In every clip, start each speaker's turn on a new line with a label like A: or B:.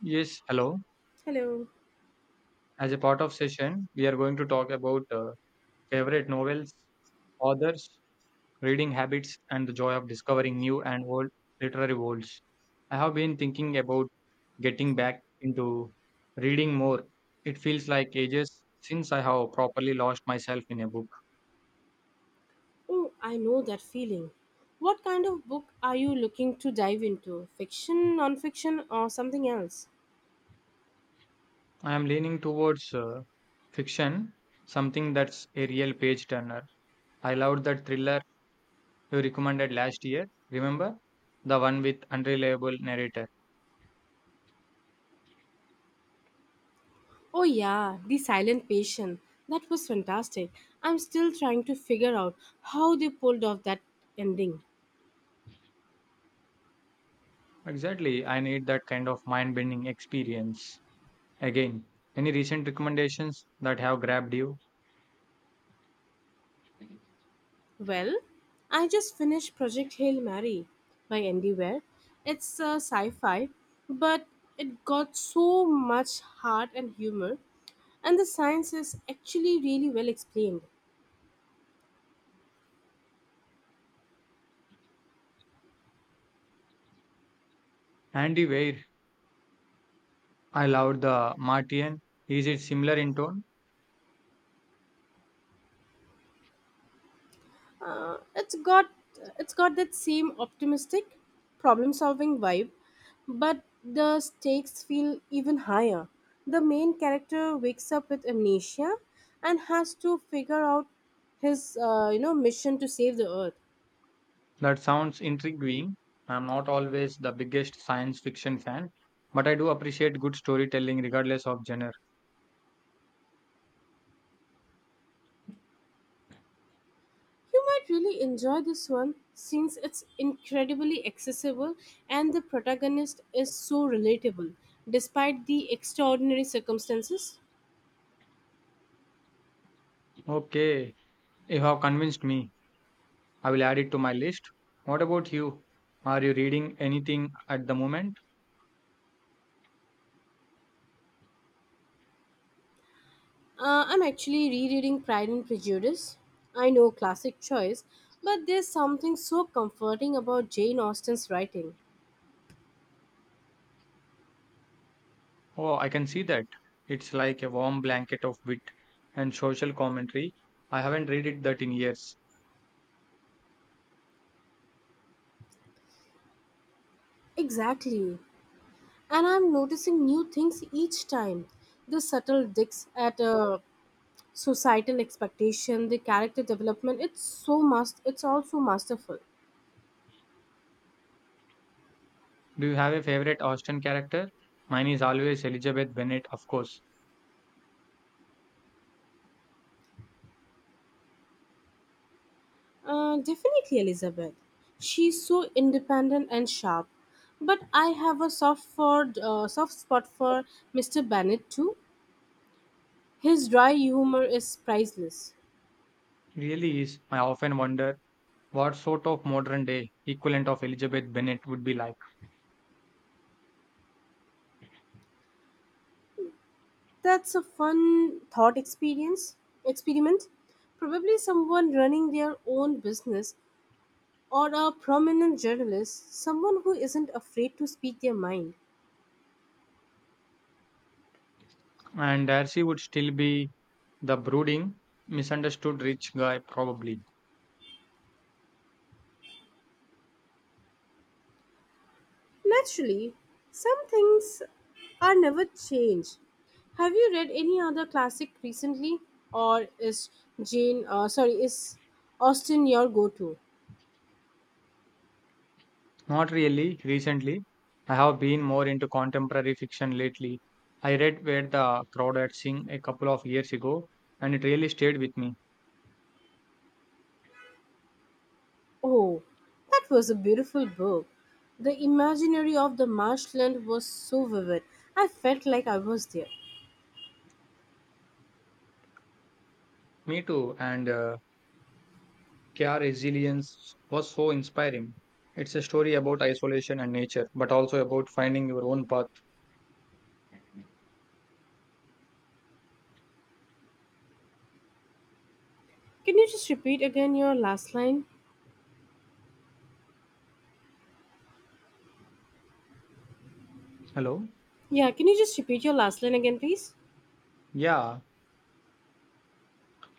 A: Yes, hello.
B: Hello.
A: As a part of session, we are going to talk about favorite novels, authors, reading habits, and the joy of discovering new and old literary worlds. I have been thinking about getting back into reading more. It feels like ages since I have properly lost myself in a book.
B: Oh, I know that feeling. What kind of book are you looking to dive into? Fiction, non-fiction, or something else?
A: I am leaning towards fiction, something that's a real page turner. I loved that thriller you recommended last year. Remember? The one with unreliable narrator.
B: Oh yeah, The Silent Patient. That was fantastic. I'm still trying to figure out how they pulled off that ending.
A: Exactly. I need that kind of mind bending experience. Again, any recent recommendations that have grabbed you?
B: Well, I just finished Project Hail Mary by Andy Weir. It's a sci-fi, but it got so much heart and humor, and the science is actually really well explained.
A: Andy Weir, I loved the Martian. Is it similar in tone?
B: uh, it's got it's got that same optimistic problem solving vibe, but the stakes feel even higher. The main character wakes up with amnesia and has to figure out his mission to save the earth.
A: That sounds intriguing. I'm not always the biggest science fiction fan, but I do appreciate good storytelling regardless of genre.
B: You might really enjoy this one since it's incredibly accessible and the protagonist is so relatable despite the extraordinary circumstances.
A: Okay, you have convinced me. I will add it to my list. What about you? Are you reading anything at the moment?
B: I'm actually rereading Pride and Prejudice. I know, classic choice, but there's something so comforting about Jane Austen's writing.
A: Oh, I can see that. It's like a warm blanket of wit and social commentary. I haven't read it that in years.
B: Exactly. And I'm noticing new things each time. The subtle digs at societal expectation, the character development, it's so must it's also masterful.
A: Do you have a favorite Austen character? Mine is always Elizabeth Bennet, of course.
B: Definitely Elizabeth. She's so independent and sharp. But I have a soft spot for Mr. Bennet too. His dry humor is priceless.
A: Really is. I often wonder what sort of modern day equivalent of Elizabeth Bennet would be like.
B: That's a fun thought experience experiment. Probably someone running their own business or a prominent journalist, someone who isn't afraid to speak their mind.
A: And Darcy would still be the brooding, misunderstood rich guy, probably.
B: Naturally, some things are never changed. Have you read any other classic recently, or is Jane uh, sorry, is Austen your go-to?
A: Not really recently. I have been more into contemporary fiction lately. I read Where the Crowd Had Sing a couple of years ago, and it really stayed with me.
B: Oh, that was a beautiful book. The imaginary of the marshland was so vivid. I felt like I was there.
A: Me too, and Care Resilience was so inspiring. It's a story about isolation and nature, but also about finding your own path.
B: Can you just repeat again your last line?
A: Hello?
B: Yeah, can you just repeat your last line again, please?
A: Yeah,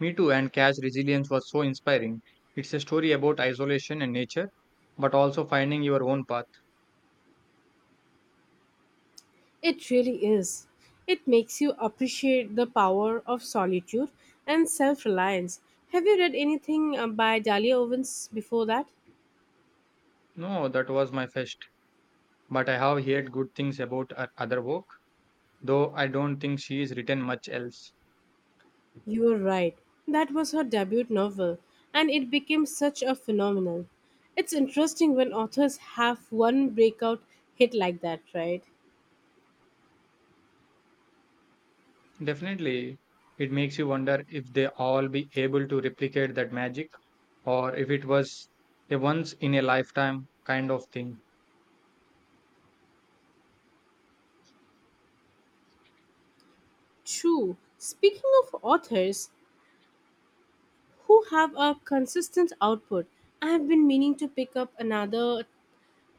A: me too, and Care's Resilience was so inspiring. It's a story about isolation and nature, but also finding your own path.
B: It really is. It makes you appreciate the power of solitude and self reliance. Have you read anything by Dahlia Owens before that?
A: No, that was my first, but I have heard good things about other work, though I don't think she's written much else.
B: You are right. That was her debut novel, and it became such a phenomenon. It's interesting when authors have one breakout hit like that, right?
A: Definitely, it makes you wonder if they all be able to replicate that magic or if it was a once in a lifetime kind of thing.
B: True. Speaking of authors who have a consistent output, I have been meaning to pick up another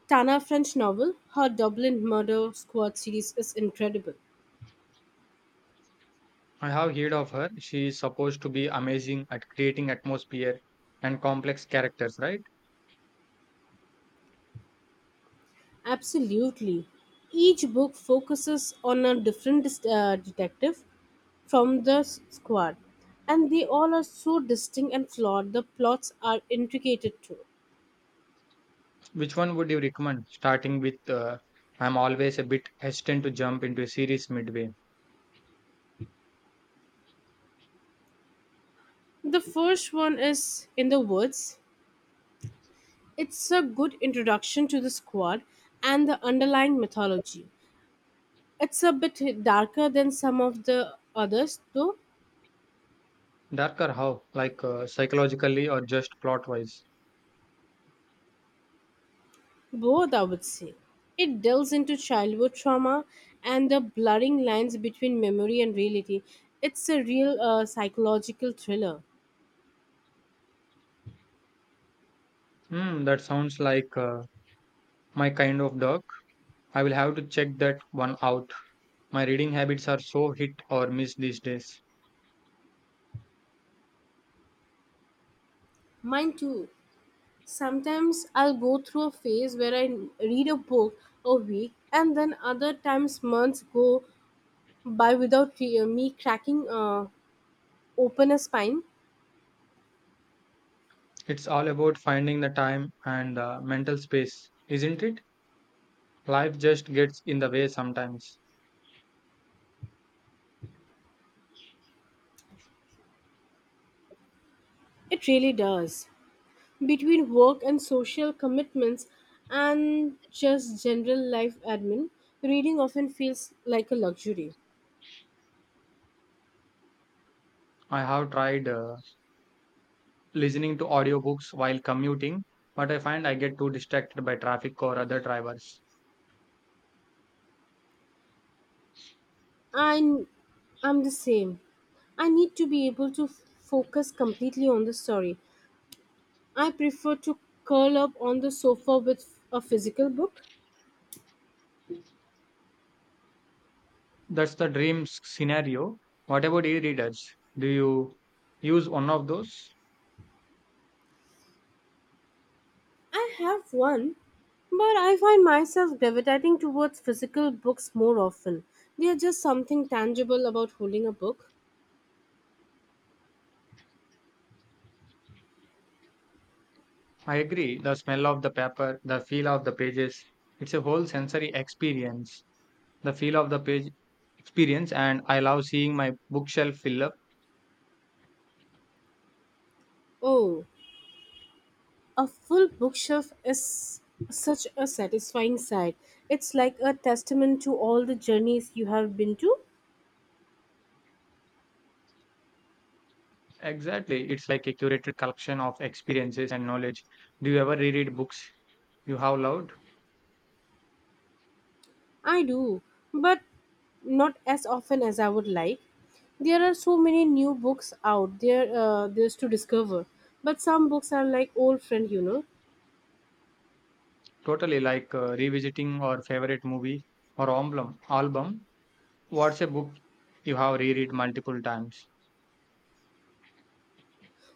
B: Tana French novel. Her Dublin Murder Squad series is incredible.
A: I have heard of her. She is supposed to be amazing at creating atmosphere and complex characters, right?
B: Absolutely. Each book focuses on a different detective from the squad, and they all are so distinct and flawed. The plots are intricate too.
A: Which one would you recommend? Starting with, I'm always a bit hesitant to jump into a series midway.
B: The first one is In the Woods. It's a good introduction to the squad and the underlying mythology. It's a bit darker than some of the others, though.
A: Darker, how? Like psychologically or just plot wise?
B: Both, I would say. It delves into childhood trauma and the blurring lines between memory and reality. It's a real psychological thriller.
A: Hmm, that sounds like my kind of dog. I will have to check that one out. My reading habits are so hit or miss these days.
B: Mine too. Sometimes I'll go through a phase where I read a book a week, and then other times months go by without me cracking open a spine.
A: It's all about finding the time and the mental space, isn't it? Life just gets in the way sometimes.
B: It really does. Between work and social commitments and just general life admin, reading often feels like a luxury.
A: I have tried listening to audiobooks while commuting, but I find I get too distracted by traffic or other drivers.
B: I, I'm the same. I need to be able to focus completely on the story. I prefer to curl up on the sofa with a physical book.
A: That's the dream scenario. What about e readers? Do you use one of those?
B: I have one, but I find myself gravitating towards physical books more often. They are just something tangible about holding a book.
A: I agree. The smell of the paper, the feel of the pages, it's a whole sensory experience. The feel of the page experience, and I love seeing my bookshelf fill up.
B: Oh, a full bookshelf is such a satisfying sight. It's like a testament to all the journeys you have been to.
A: Exactly, it's like a curated collection of experiences and knowledge. Do you ever reread books you have loved?
B: I do, but not as often as I would like. There are so many new books out there there's to discover, but some books are like old friend, you know.
A: Totally, like revisiting or favorite movie or album. What's a book you have reread multiple times?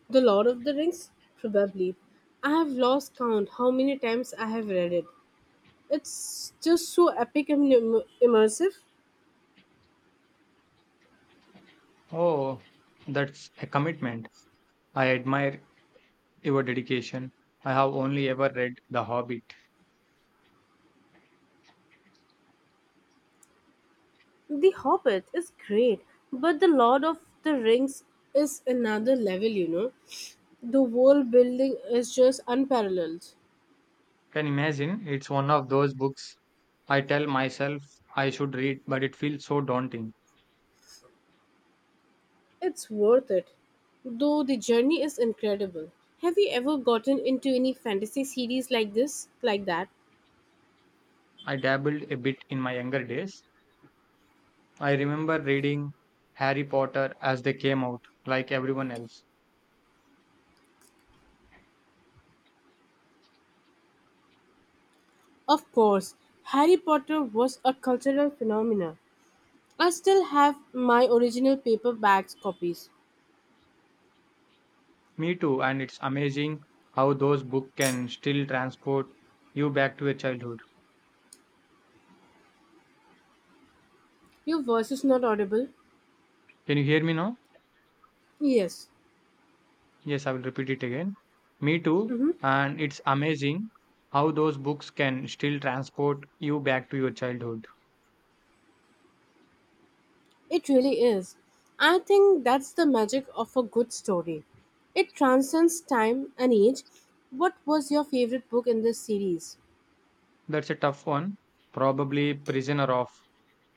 B: The Lord of the Rings, probably. I have lost count how many times I have read it. It's just so epic and immersive.
A: Oh, that's a commitment. I admire your dedication. I have only ever read the Hobbit.
B: The Hobbit is great, but The Lord of the Rings is another level, you know. The world building is just unparalleled.
A: Can imagine it's one of those books I tell myself I should read, but it feels so daunting.
B: It's worth it, though the journey is incredible. Have you ever gotten into any fantasy series like this, like that?
A: I dabbled a bit in my younger days. I remember reading Harry Potter as they came out, like everyone else.
B: Of course, Harry Potter was a cultural phenomenon. I still have my original paperback copies.
A: Me too, and it's amazing how those books can still transport you back to your childhood.
B: Your voice is not audible.
A: Can you hear me now?
B: Yes.
A: Yes, I will repeat it again. Me too,
B: Mm-hmm.
A: and it's amazing how those books can still transport you back to your childhood.
B: It really is. I think that's the magic of a good story. It transcends time and age. What was your favorite book in this series?
A: That's a tough one. Probably Prisoner of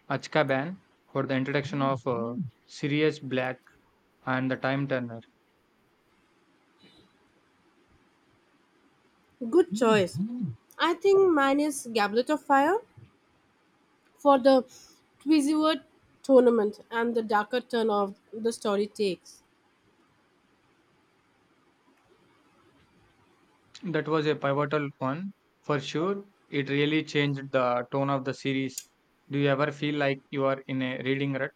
A: Azkaban for the introduction of Sirius Black and the Time Turner.
B: Good choice. I think mine is Goblet of Fire for the Twizzleword tournament and the darker turn of the story takes.
A: That was a pivotal one for sure. It really changed the tone of the series. Do you ever feel like you are in a reading rut?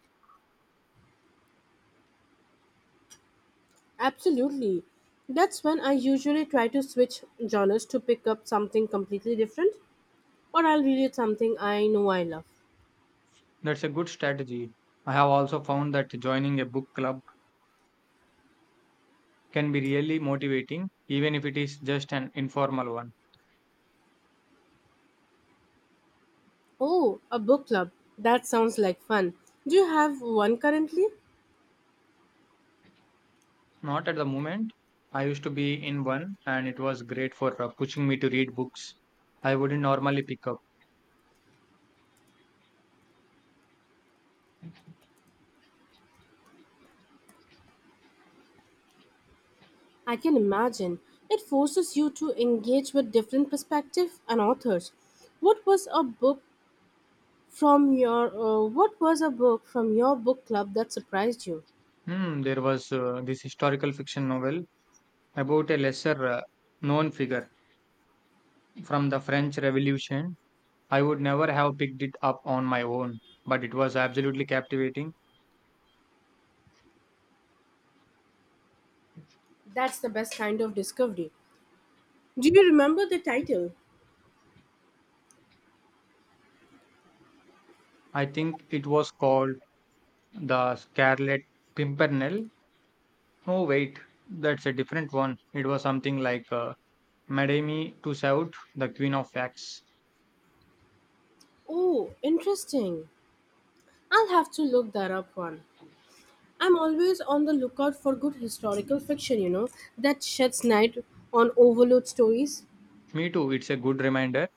B: Absolutely. That's when I usually try to switch genres to pick up something completely different, or I'll read something I know I love.
A: That's a good strategy. I have also found that joining a book club can be really motivating, even if it is just an informal one.
B: Oh, a book club. That sounds like fun. Do you have one currently?
A: Not at the moment. I used to be in one, and it was great for pushing me to read books I wouldn't normally pick up.
B: I can imagine. It forces you to engage with different perspectives and authors. What was a book from your book club that surprised you?
A: Hmm, there was this historical fiction novel about a lesser known figure from the French Revolution. I would never have picked it up on my own, but it was absolutely captivating.
B: That's the best kind of discovery. Do you remember the title?
A: I think it was called The Scarlet Pimpernel. Oh, wait, that's a different one. It was something like Madame Tussaud, the Queen of Wax.
B: Oh, interesting. I'll have to look that up one. I'm always on the lookout for good historical fiction, you know, that sheds light on overload stories.
A: Me too, it's a good reminder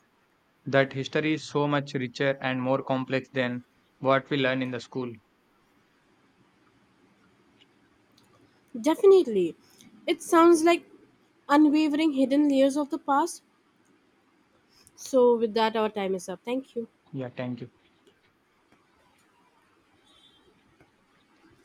A: that history is so much richer and more complex than what we learn in the school.
B: Definitely. It sounds like unwavering hidden layers of the past. So, with that, our time is up. Thank you.
A: Yeah, thank you.